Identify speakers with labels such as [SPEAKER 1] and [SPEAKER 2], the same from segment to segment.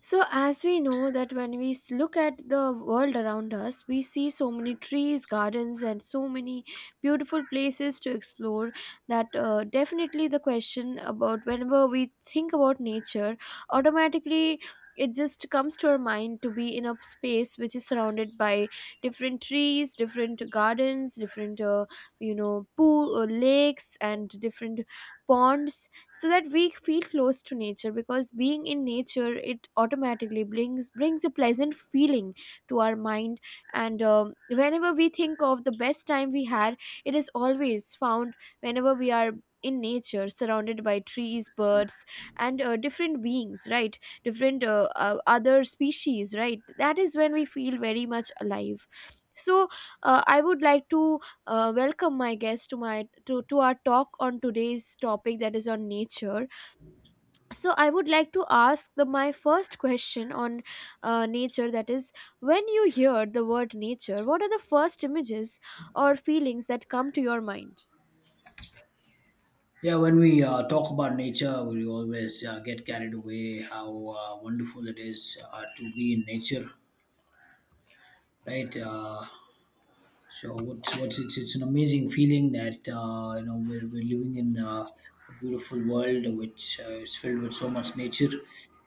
[SPEAKER 1] So, as we know that when we look at the world around us, we see so many trees, gardens, and so many beautiful places to explore. That definitely the question about, whenever we think about nature, automatically it just comes to our mind to be in a space which is surrounded by different trees, different gardens, different pool, lakes, and different ponds, so that we feel close to nature, because being in nature, it automatically brings a pleasant feeling to our mind. And whenever we think of the best time we had, it is always found whenever we are in nature, surrounded by trees, birds, and different beings, right, different other species, right, that is when we feel very much alive. So, I would like to welcome my guest to our talk on today's topic, that is on nature. So I would like to ask the my first question on nature, that is, when you hear the word nature, what are the first images or feelings that come to your mind?
[SPEAKER 2] Yeah, when we talk about nature, we always get carried away how wonderful it is to be in nature, right? So what's it's an amazing feeling that you know we're living in a beautiful world which is filled with so much nature,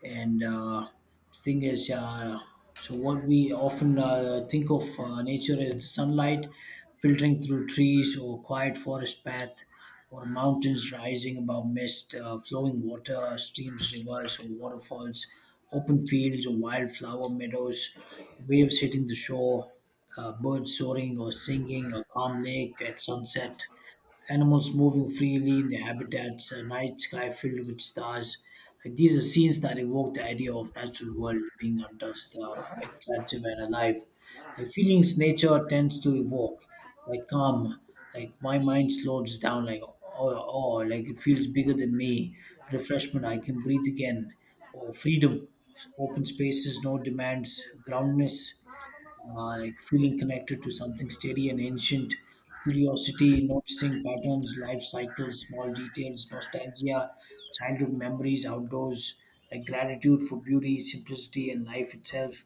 [SPEAKER 2] and thing is. So what we often think of nature is the sunlight filtering through trees or quiet forest path or mountains rising above mist, flowing water, streams, rivers or waterfalls, open fields or wildflower meadows, waves hitting the shore, birds soaring or singing, a calm lake at sunset, animals moving freely in their habitats, a night sky filled with stars. Like, these are scenes that evoke the idea of natural world being untouched, expansive and alive. Like feelings nature tends to evoke, like calm, like my mind slows down, like oh, like it feels bigger than me, refreshment, I can breathe again, or freedom, open spaces, no demands, groundness, like feeling connected to something steady and ancient, curiosity, noticing patterns, life cycles, small details, nostalgia, childhood memories, outdoors, like gratitude for beauty, simplicity, and life itself.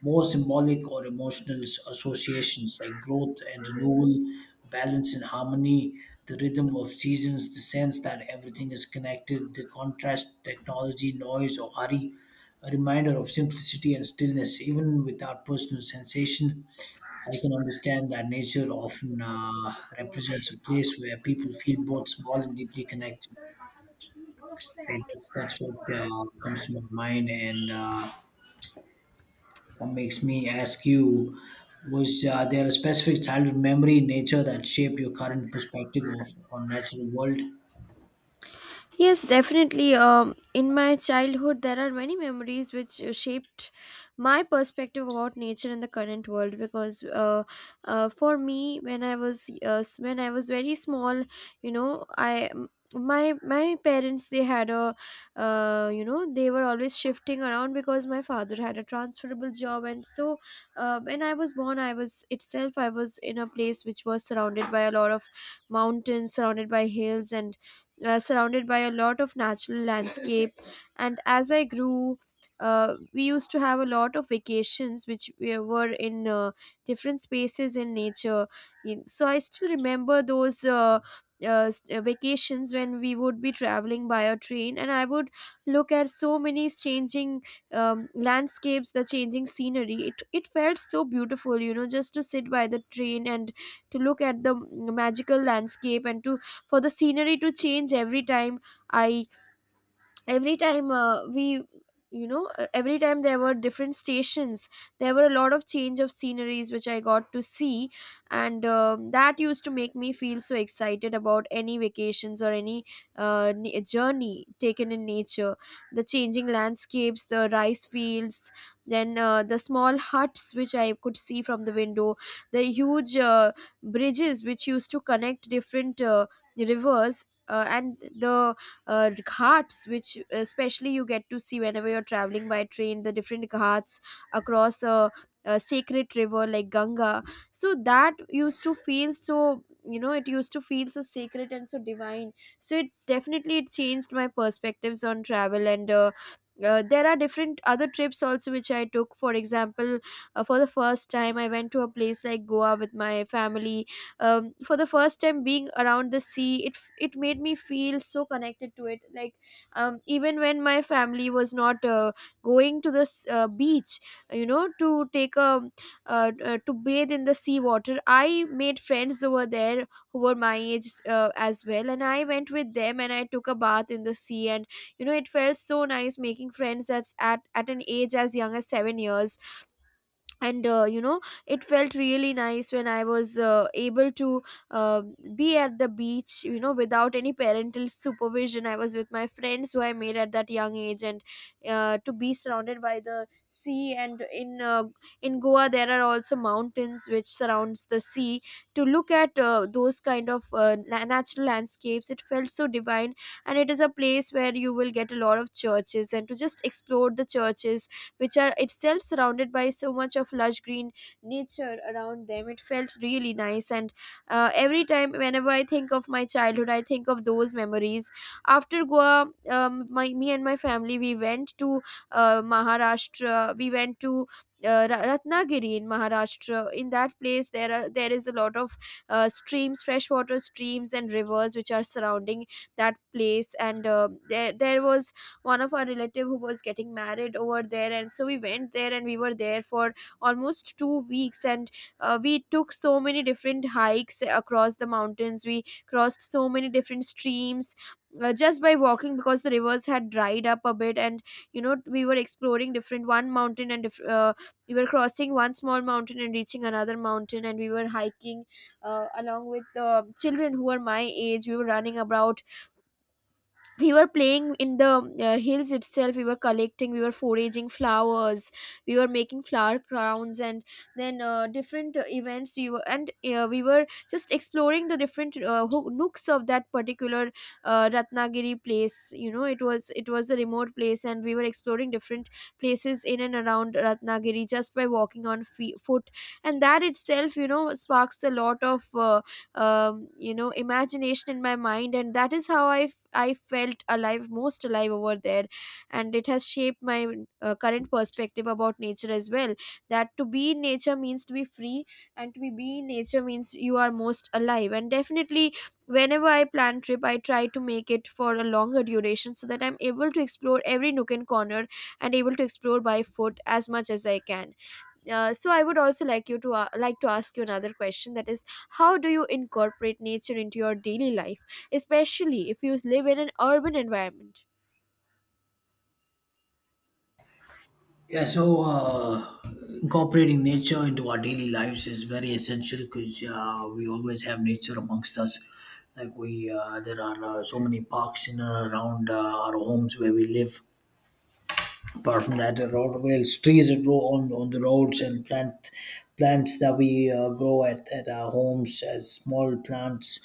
[SPEAKER 2] More symbolic or emotional associations like growth and renewal, balance and harmony, the rhythm of seasons, the sense that everything is connected, the contrast, technology, noise, or hurry, a reminder of simplicity and stillness, even without personal sensation. I can understand that nature often represents a place where people feel both small and deeply connected. Right? That's what comes to my mind, and that makes me ask you: Was there a specific childhood memory in nature that shaped your current perspective of on natural world?
[SPEAKER 1] Yes, definitely. In my childhood, there are many memories which shaped my perspective about nature and the current world. Because for me, when I was when I was very small, you know, I m- my parents, they had a you know they were always shifting around, because my father had a transferable job. And so when I was born, I was in a place which was surrounded by a lot of mountains, surrounded by hills, and surrounded by a lot of natural landscape. And as I grew, we used to have a lot of vacations which we were in different spaces in nature. So I still remember those vacations when we would be traveling by a train, and I would look at so many changing landscapes, the changing scenery. It felt so beautiful, just to sit by the train and to look at the magical landscape, and to for the scenery to change every time. I every time we you know Every time there were different stations, there were a lot of change of sceneries which I got to see. And that used to make me feel so excited about any vacations or any journey taken in nature: the changing landscapes, the rice fields, then the small huts which I could see from the window, the huge bridges which used to connect different rivers, and the uh, ghats, which especially you get to see whenever you're traveling by train, the different ghats across a sacred river like Ganga. So that used to feel so sacred and so divine. So it definitely it changed my perspectives on travel. And there are different other trips also which I took. For example, for the first time, I went to a place like Goa with my family. For the first time being around the sea, it made me feel so connected to it, like, even when my family was not going to the beach, you know to take a to bathe in the sea water, I made friends over there who were my age, as well. And I went with them, and I took a bath in the sea. And it felt so nice making friends at an age as young as 7 years. And it felt really nice when I was able to uh, be at the beach, without any parental supervision. I was with my friends who I made at that young age. And to be surrounded by the sea, and in in Goa there are also mountains which surrounds the sea. To look at those kind of natural landscapes, it felt so divine. And it is a place where you will get a lot of churches, and to just explore the churches, which are itself surrounded by so much of lush green nature around them. It felt really nice. And every time whenever I think of my childhood, I think of those memories. After Goa, my me and my family, we went to Maharashtra. We went to Ratnagiri in Maharashtra. In that place, there is a lot of streams, freshwater streams, and rivers which are surrounding that place. And there was one of our relative who was getting married over there, and so we went there, and we were there for almost 2 weeks. And we took so many different hikes across the mountains. We crossed so many different streams, just by walking, because the rivers had dried up a bit. And we were exploring different, one mountain, and we were crossing one small mountain and reaching another mountain, and we were hiking along with the children who were my age. We were running about, we were playing in the hills itself. We were foraging flowers, we were making flower crowns. And then different events, we were just exploring the different nooks of that particular Ratnagiri place. It was a remote place, and we were exploring different places in and around Ratnagiri just by walking on foot. And that itself, sparks a lot of imagination in my mind, and that is how I felt alive, most alive, over there. And it has shaped my current perspective about nature as well, that to be in nature means to be free, and to be in nature means you are most alive. And definitely, whenever I plan trip, I try to make it for a longer duration, so that I'm able to explore every nook and corner, and able to explore by foot as much as I can. So, I would also like you to like to ask you another question, that is, how do you incorporate nature into your daily life, especially if you live in an urban environment?
[SPEAKER 2] Yeah, so incorporating nature into our daily lives is very essential because we always have nature amongst us. Like we, there are so many parks in and around our homes where we live. Apart from that, there are always trees that grow on the roads, and plants that we grow at our homes as small plants.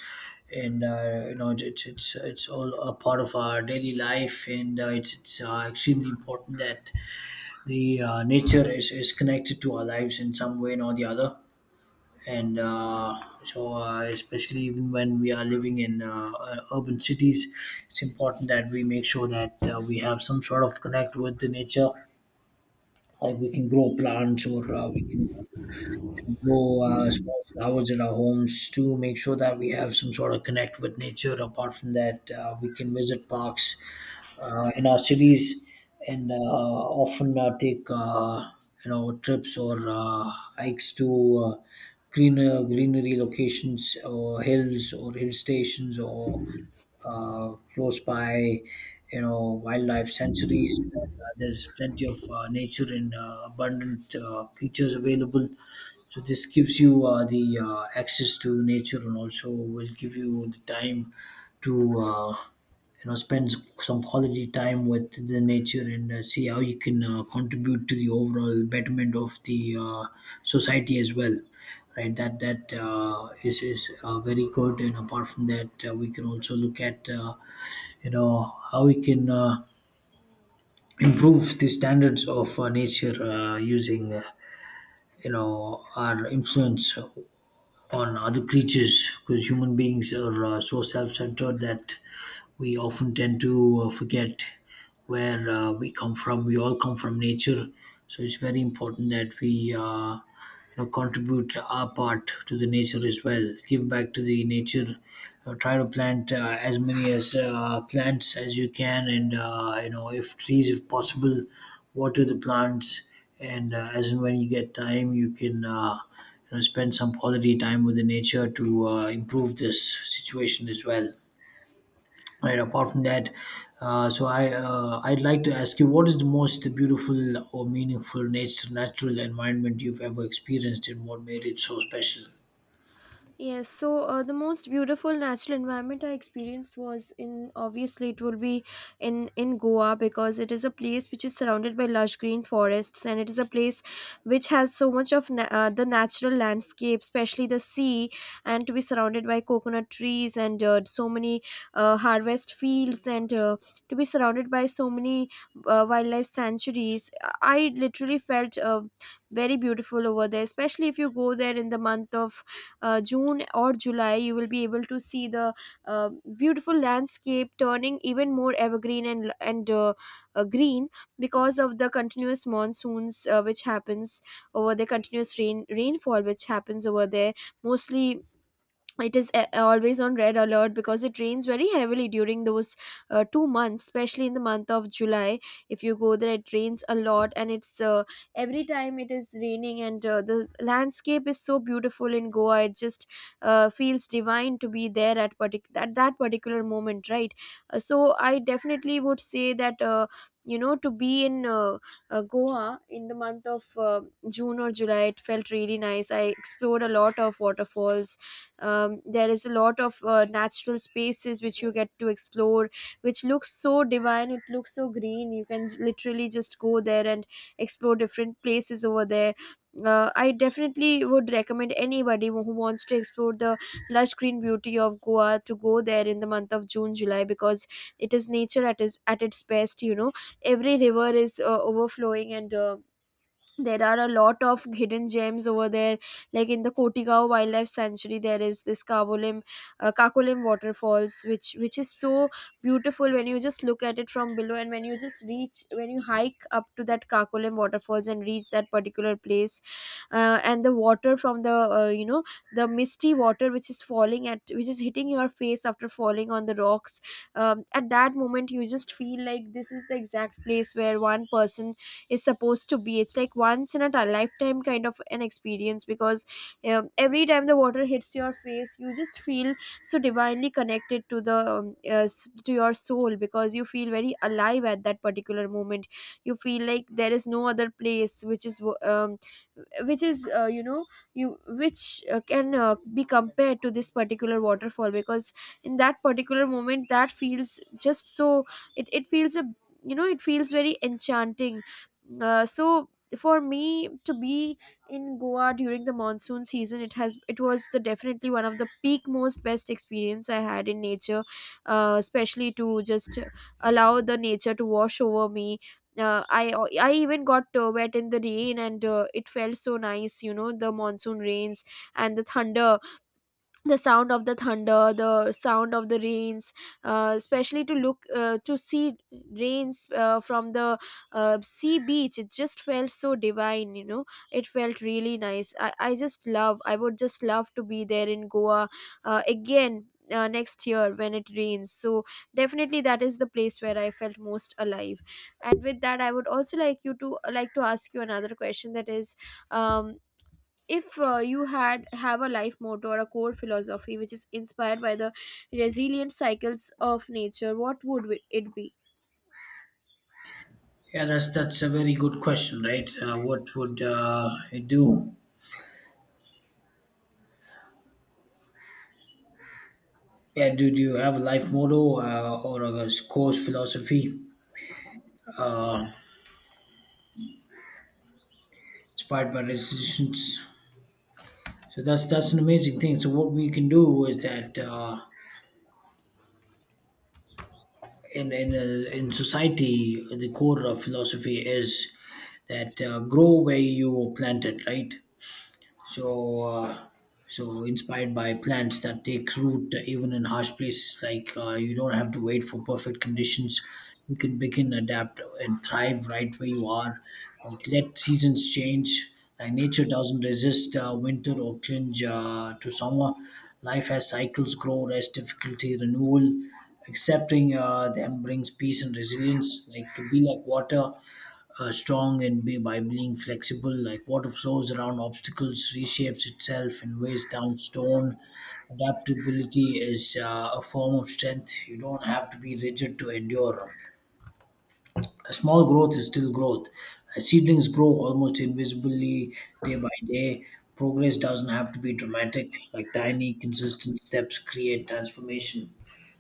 [SPEAKER 2] And you know, it's all a part of our daily life, and it's extremely important that the nature is connected to our lives in some way or the other, and especially even when we are living in urban cities, it's important that we make sure that we have some sort of connect with the nature, like we can grow plants, or we can grow small flowers in our homes to make sure that we have some sort of connect with nature. Apart from that, we can visit parks in our cities and often take you know trips or hikes to uh, greenery locations or hills or hill stations or close by, you know, wildlife sanctuaries. There's plenty of nature and abundant creatures available. So this gives you the access to nature and also will give you the time to you know spend some quality time with the nature and see how you can contribute to the overall betterment of the society as well. Right, that that is very good. And apart from that, we can also look at you know how we can improve the standards of nature using you know our influence on other creatures, because human beings are so self-centered that we often tend to forget where we come from. We all come from nature, so it's very important that we you know contribute our part to the nature as well. Give back to the nature. Try to plant as many as plants as you can, and you know if trees, if possible, water the plants. And as and when you get time, you can. You know, spend some quality time with the nature to improve this situation as well. Right. Apart from that, so I I'd like to ask you, what is the most beautiful or meaningful nature natural environment you've ever experienced, and what made it so special?
[SPEAKER 1] Yes, so the most beautiful natural environment I experienced, was in obviously, it will be in Goa, because it is a place which is surrounded by lush green forests, and it is a place which has so much of the natural landscape, especially the sea, and to be surrounded by coconut trees, and so many harvest fields, and to be surrounded by so many wildlife sanctuaries. I literally felt very beautiful over there, especially if you go there in the month of June or July, you will be able to see the uh, beautiful landscape turning even more evergreen and green, because of the continuous monsoons, which happens over there, continuous rainfall which happens over there. Mostly, it is always on red alert, because it rains very heavily during those 2 months, especially in the month of July. If you go there, it rains a lot, and it's every time it is raining, and the landscape is so beautiful in Goa, it just feels divine to be there at that particular moment, right? So, I definitely would say that to be in Goa in the month of June or July, it felt really nice. I explored a lot of waterfalls. There is a lot of natural spaces which you get to explore, which looks so divine, it looks so green. You can literally just go there and explore different places over there. I definitely would recommend anybody who wants to explore the lush green beauty of Goa to go there in the month of June, July, because it is nature at its best. You know, every river is overflowing and there are a lot of hidden gems over there, like in the Kotigao wildlife sanctuary there is this kavolim kakolim waterfalls which is so beautiful when you just look at it from below, and when you just reach when you hike up to that kakolim waterfalls and reach that particular place, and the water from the the misty water which is hitting your face after falling on the rocks. At that moment you just feel like this is the exact place where one person is supposed to be. It's like once in a ti- lifetime kind of an experience, because every time the water hits your face you just feel so divinely connected to to your soul, because you feel very alive at that particular moment. You feel like there is no other place which is wo- which is you know you which can be compared to this particular waterfall, because in that particular moment that feels just so, it feels a, you know, it feels very enchanting. So for me to be in Goa during the monsoon season, it was the definitely one of the peak most best experience I had in nature. Especially to just allow the nature to wash over me. uh, I I even got wet in the rain, and it felt so nice, you know, the monsoon rains and the thunder, the sound of the thunder, the sound of the rains. Especially to see rains from the sea beach, it just felt so divine, you know. It felt really nice. I just love, I would just love to be there in Goa again, next year when it rains. So definitely that is the place where I felt most alive. And with that, I would also like to ask you another question, that is, um if you had have a life motto or a core philosophy which is inspired by the resilient cycles of nature, what would it be?
[SPEAKER 2] Yeah, that's a very good question, right? What would it do? Yeah, do you have a life motto or a course philosophy inspired by decisions? So that's an amazing thing. So what we can do is that in society, the core of philosophy is that grow where you plant it, right? So, uh, so, inspired by plants that take root even in harsh places, like you don't have to wait for perfect conditions. You can begin, adapt, and thrive right where you are. Like let seasons change. Like nature doesn't resist winter or clinch to summer. Life has cycles: grow, rest, difficulty, renewal. Accepting them brings peace and resilience. Like be like water, strong and be by being flexible. Like water flows around obstacles, reshapes itself and weighs down stone. Adaptability is a form of strength. You don't have to be rigid to endure. A small growth is still growth. Seedlings grow almost invisibly day by day. Progress doesn't have to be dramatic. Like tiny, consistent steps create transformation.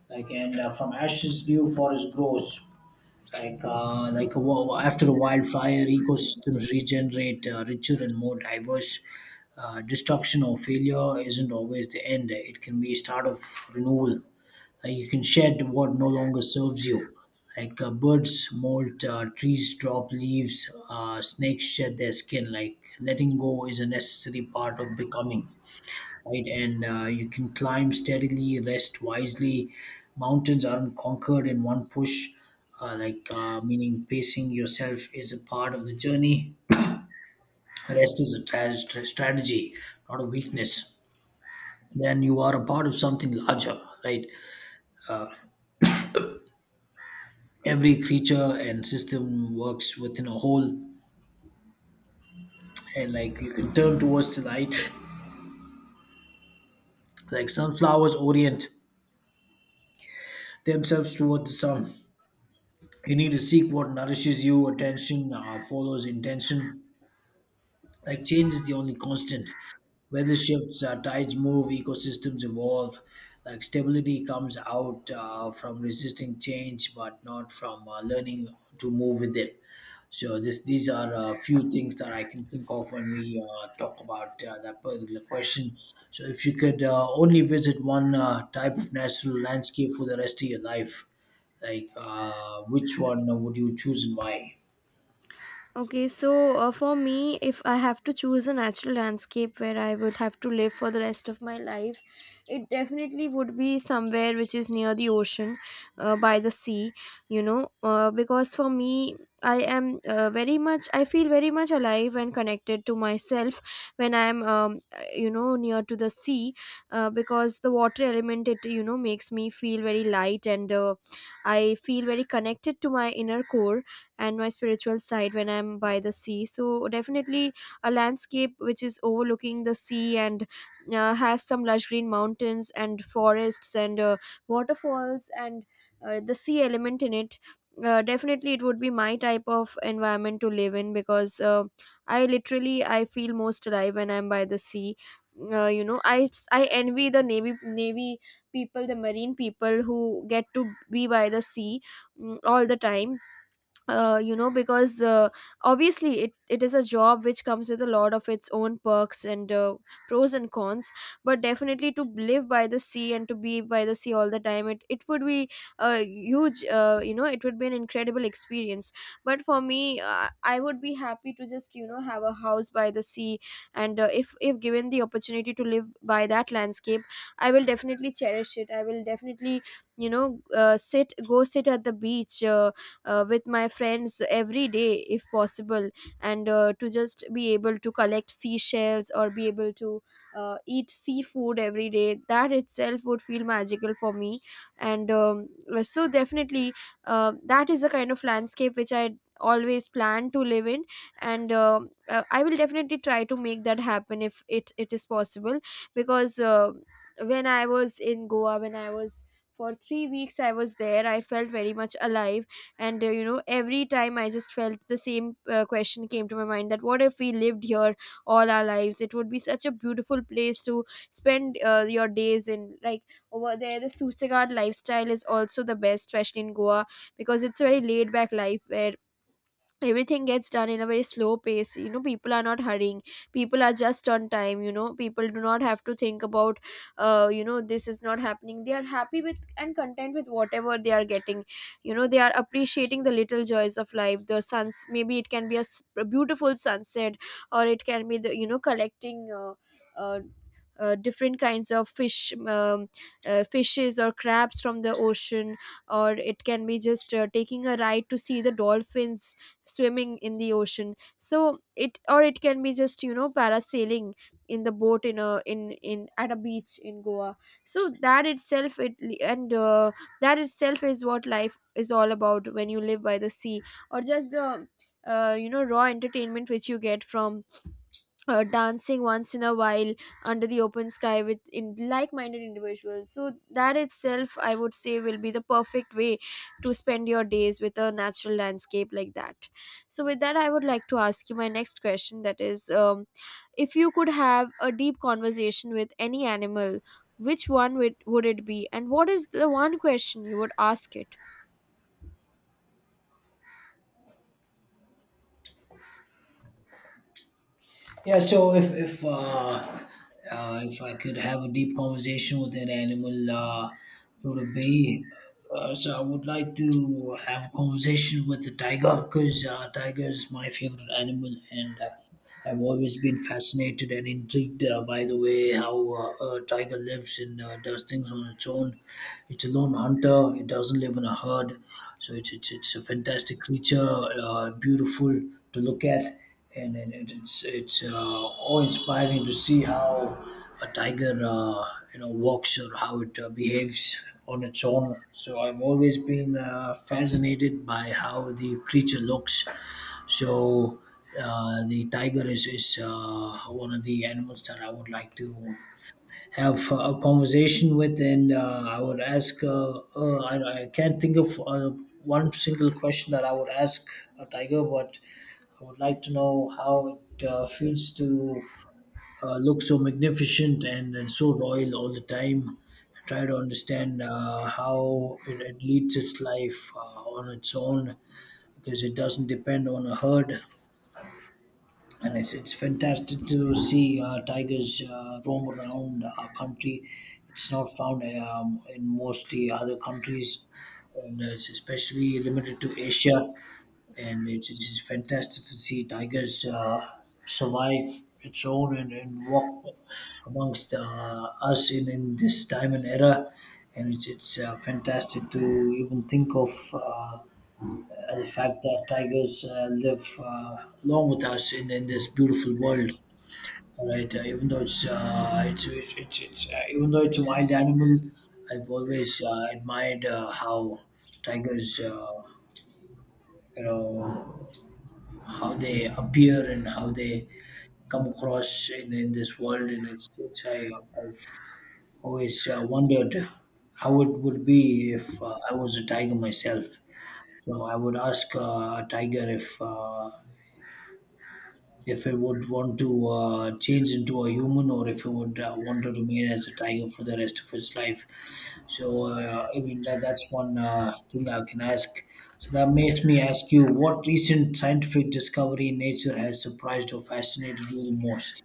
[SPEAKER 2] Like and From ashes, new forest grows, like after a wildfire, ecosystems regenerate richer and more diverse. Destruction or failure isn't always the end; it can be a start of renewal. Like, you can shed what no longer serves you, like birds molt, trees drop leaves, snakes shed their skin. Like, letting go is a necessary part of becoming, right? And you can climb steadily, rest wisely. Mountains aren't conquered in one push, meaning pacing yourself is a part of the journey. Rest is a strategy, not a weakness. Then you are a part of something larger, right? Every creature and system works within a whole, and like you can turn towards the light, like sunflowers orient themselves towards the sun. You need to seek what nourishes you. Attention follows intention. Like change is the only constant. Weather shifts, tides move, ecosystems evolve. Like stability comes out from resisting change, but not from learning to move with it. So this, these are a few things that I can think of when we talk about that particular question. So if you could only visit one type of natural landscape for the rest of your life, like which one would you choose and why?
[SPEAKER 1] Okay, so for me, if I have to choose a natural landscape where I would have to live for the rest of my life, it definitely would be somewhere which is near the ocean, by the sea, you know, because for me, I am I feel very much alive and connected to myself when I am, near to the sea, because the water element, it, you know, makes me feel very light, and I feel very connected to my inner core and my spiritual side when I'm by the sea. So definitely a landscape which is overlooking the sea and has some lush green mountains and forests and waterfalls and the sea element in it. Definitely it would be my type of environment to live in, because I literally, I feel most alive when I'm by the sea. uh, you know i I envy the navy people, the marine people who get to be by the sea, mm, all the time. You know because Obviously it is a job which comes with a lot of its own perks and pros and cons, but definitely to live by the sea and to be by the sea all the time, it would be a huge, it would be an incredible experience. But for me, I would be happy to just, you know, have a house by the sea. And if given the opportunity to live by that landscape, I will definitely cherish it. I will definitely, you know, sit at the beach, with my friends every day if possible, and to just be able to collect seashells, or be able to eat seafood every day, that itself would feel magical for me. And um, so definitely that is the kind of landscape which I always plan to live in, and I will definitely try to make that happen if it is possible. Because when I was in Goa, when I was for 3 weeks I was there, I felt very much alive. And you know, every time I just felt the same, question came to my mind, that what if we lived here all our lives, it would be such a beautiful place to spend your days in. Like, over there the Susegard lifestyle is also the best, especially in Goa, because it's a very laid back life, where everything gets done in a very slow pace. You know, people are not hurrying, people are just on time. You know, people do not have to think about you know, this is not happening, they are happy with and content with whatever they are getting. You know, they are appreciating the little joys of life. The suns, maybe it can be a beautiful sunset, or it can be the, you know, collecting uh, different kinds of fishes or crabs from the ocean, or it can be just taking a ride to see the dolphins swimming in the ocean. So it can be just, you know, parasailing in the boat in a in in at a beach in Goa. So that itself it, and that itself is what life is all about when you live by the sea. Or just the raw entertainment which you get from dancing once in a while under the open sky with in like-minded individuals. So that itself, I would say, will be the perfect way to spend your days with a natural landscape like that. So with that, I would like to ask you my next question, that is, if you could have a deep conversation with any animal, which would it be, and what is the one question you would ask it?
[SPEAKER 2] Yeah, so if if I could have a deep conversation with an animal, it would be. So I would like to have a conversation with a tiger, because tiger is my favorite animal, and I've always been fascinated and intrigued by the way how a tiger lives and does things on its own. It's a lone hunter. It doesn't live in a herd, so it's a fantastic creature, beautiful to look at, and it's awe-inspiring to see how a tiger you know walks or how it behaves on its own. So I've always been fascinated by how the creature looks. So the tiger is one of the animals that I would like to have a conversation with, and I would ask. I can't think of one single question that I would ask a tiger, but I would like to know how it feels to look so magnificent and so royal all the time. Try to understand how it leads its life on its own, because it doesn't depend on a herd. And it's fantastic to see tigers roam around our country. It's not found in mostly other countries, and it's especially limited to Asia. And it's fantastic to see tigers survive its own and walk amongst us in this time and era. And it's fantastic to even think of. The fact that tigers live along with us in this beautiful world. All right, even though it's even though it's a wild animal, I've always admired how tigers, you know, how they appear and how they come across in this world, and I've always wondered how it would be if I was a tiger myself. So I would ask a tiger if I would want to change into a human or if I would want to remain as a tiger for the rest of its life. So, I mean, that's one thing I can ask. So, that makes me ask you, what recent scientific discovery in nature has surprised or fascinated you the most?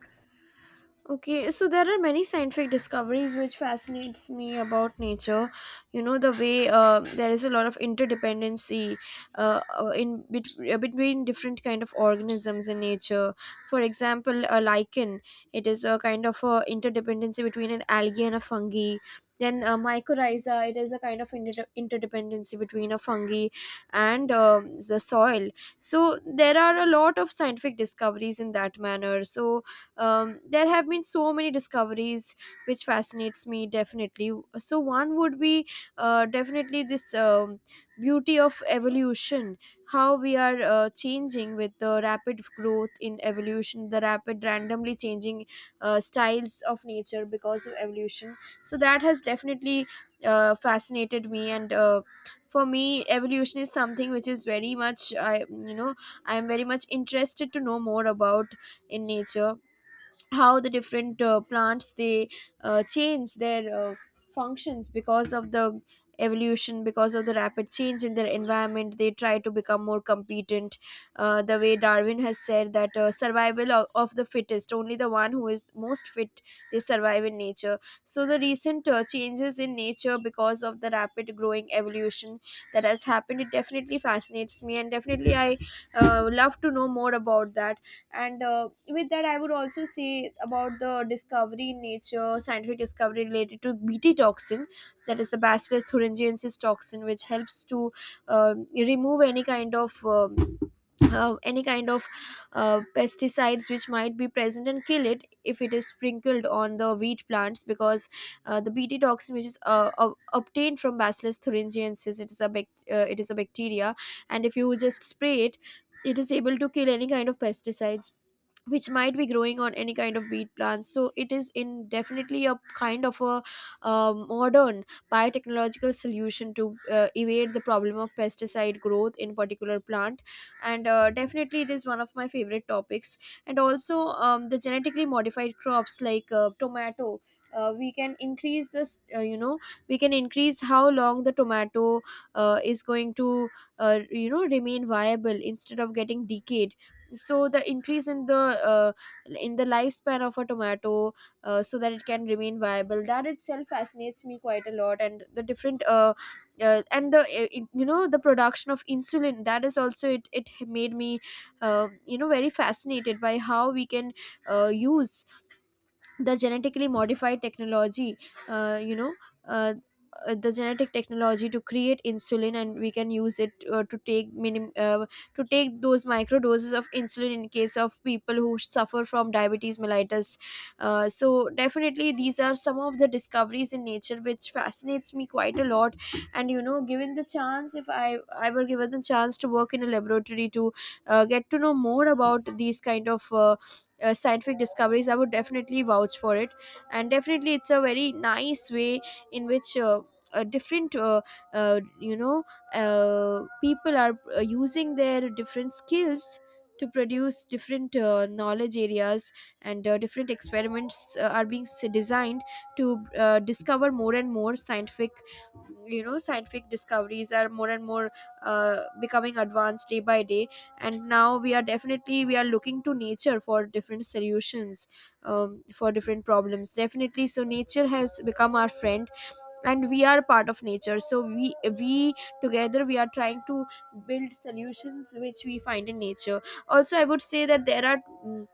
[SPEAKER 1] Okay, so there are many scientific discoveries which fascinates me about nature. You know, the way there is a lot of interdependency, between different kind of organisms in nature. For example, a lichen, it is a kind of a interdependency between an algae and a fungi. Then mycorrhiza, it is a kind of interdependency between a fungi and the soil. So there are a lot of scientific discoveries in that manner. So there have been so many discoveries which fascinates me definitely. So one would be definitely this, beauty of evolution, how we are changing with the rapid growth in evolution, the rapid randomly changing styles of nature because of evolution. So that has definitely fascinated me. And for me, evolution is something which is very much, I you know I am very much interested to know more about in nature, how the different plants they change their functions because of the evolution, because of the rapid change in their environment, they try to become more competent. The way Darwin has said that, survival of the fittest, only the one who is most fit, they survive in nature. So the recent changes in nature because of the rapid growing evolution that has happened, it definitely fascinates me, and definitely I love to know more about that. And with that, I would also say about the discovery in nature, scientific discovery related to BT toxin, that is the bacillus thuringiensis toxin, which helps to remove any kind of pesticides which might be present, and kill it if it is sprinkled on the wheat plants. Because the BT toxin, which is obtained from bacillus thuringiensis, it is a it is a bacteria, and if you just spray it, it is able to kill any kind of pesticides which might be growing on any kind of wheat plants. So it is in definitely a kind of a modern biotechnological solution to evade the problem of pesticide growth in particular plant. And definitely it is one of my favorite topics. And also, the genetically modified crops, like tomato, we can increase this, we can increase how long the tomato is going to remain viable instead of getting decayed. So the increase uh, in the lifespan of a tomato, so that it can remain viable, that itself fascinates me quite a lot. And the different you know, the production of insulin, that is also, it made me you know, very fascinated by how we can use the genetically modified technology, uh, you know uh, the genetic technology to create insulin, and we can use it to to take those micro doses of insulin in case of people who suffer from diabetes mellitus. So definitely these are some of the discoveries in nature which fascinates me quite a lot. And you know, given the chance, if I were given the chance to work in a laboratory to get to know more about these kind of scientific discoveries, I would definitely vouch for it. And definitely it's a very nice way in which different uh, you know people are using their different skills to produce different knowledge areas, and different experiments designed to discover more and more scientific, you know, scientific discoveries are more and more becoming advanced day by day. And now we are definitely, we are looking to nature for different solutions, for different problems definitely. So nature has become our friend, and we are part of nature, so we together we are trying to build solutions which we find in nature. Also, I would say that there are, mm,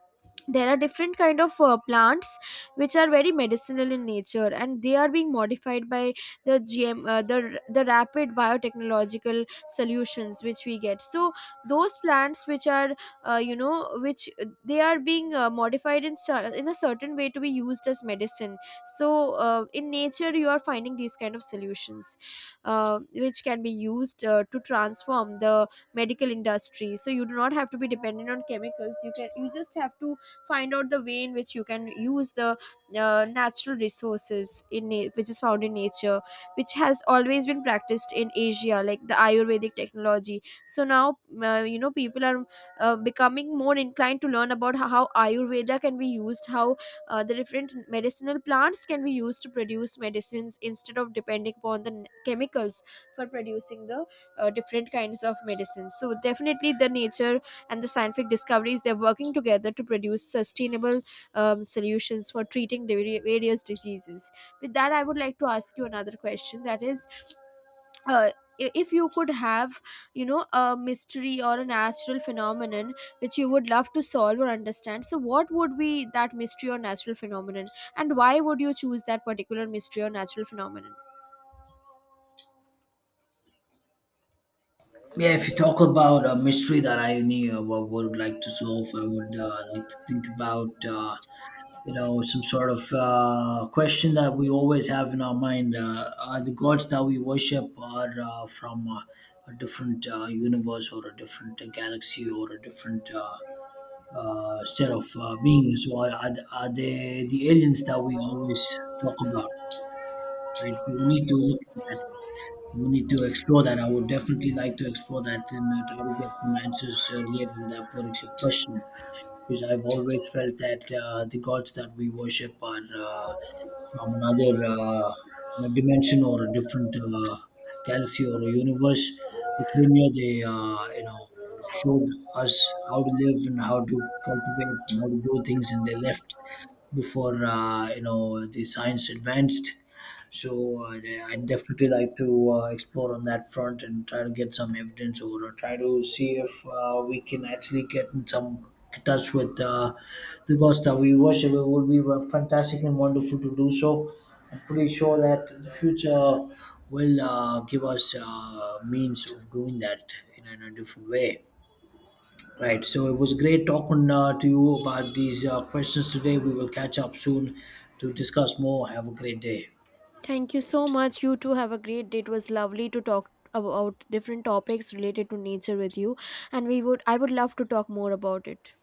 [SPEAKER 1] there are different kind of plants which are very medicinal in nature, and they are being modified by the GM, the rapid biotechnological solutions which we get. So those plants which are you know which they are being modified in in a certain way to be used as medicine. So in nature you are finding these kind of solutions which can be used to transform the medical industry. So you do not have to be dependent on chemicals, you can, you just have to find out the way in which you can use the natural resources in which is found in nature, which has always been practiced in Asia, like the ayurvedic technology. So now you know, people are becoming more inclined to learn about how ayurveda can be used, how the different medicinal plants can be used to produce medicines, instead of depending upon the chemicals for producing the different kinds of medicines. So definitely the nature and the scientific discoveries, they're working together to produce sustainable, solutions for treating the various diseases. With that, I would like to ask you another question, that is, uh, if you could have, you know, a mystery or a natural phenomenon which you would love to solve or understand, so what would be that mystery or natural phenomenon, and why would you choose that particular mystery or natural phenomenon?
[SPEAKER 2] Yeah, if you talk about a mystery that I knew, would like to solve, I would like to think about. You know, some sort of question that we always have in our mind: are the gods that we worship are from a different universe, or a different galaxy, or a different set of beings, or are they the aliens that we always talk about, right? So we need to look at that. We need to explore that. I would definitely like to explore that and try to get some answers related to that particular question, because I've always felt that the gods that we worship are from another you know, dimension or a different galaxy or a universe. They came here, they you know showed us how to live and how to cultivate and how to do things, and they left before you know the science advanced. So yeah, I'd definitely like to explore on that front and try to get some evidence or try to see if we can actually get in some touch with the gods that we worship. It would be fantastic and wonderful to do so. I'm pretty sure that the future will give us means of doing that in a different way. Right. So it was great talking to you about these questions today. We will catch up soon to discuss more. Have a great day.
[SPEAKER 1] Thank you so much. You too, have a great day. It was lovely to talk about different topics related to nature with you, and we would I would love to talk more about it.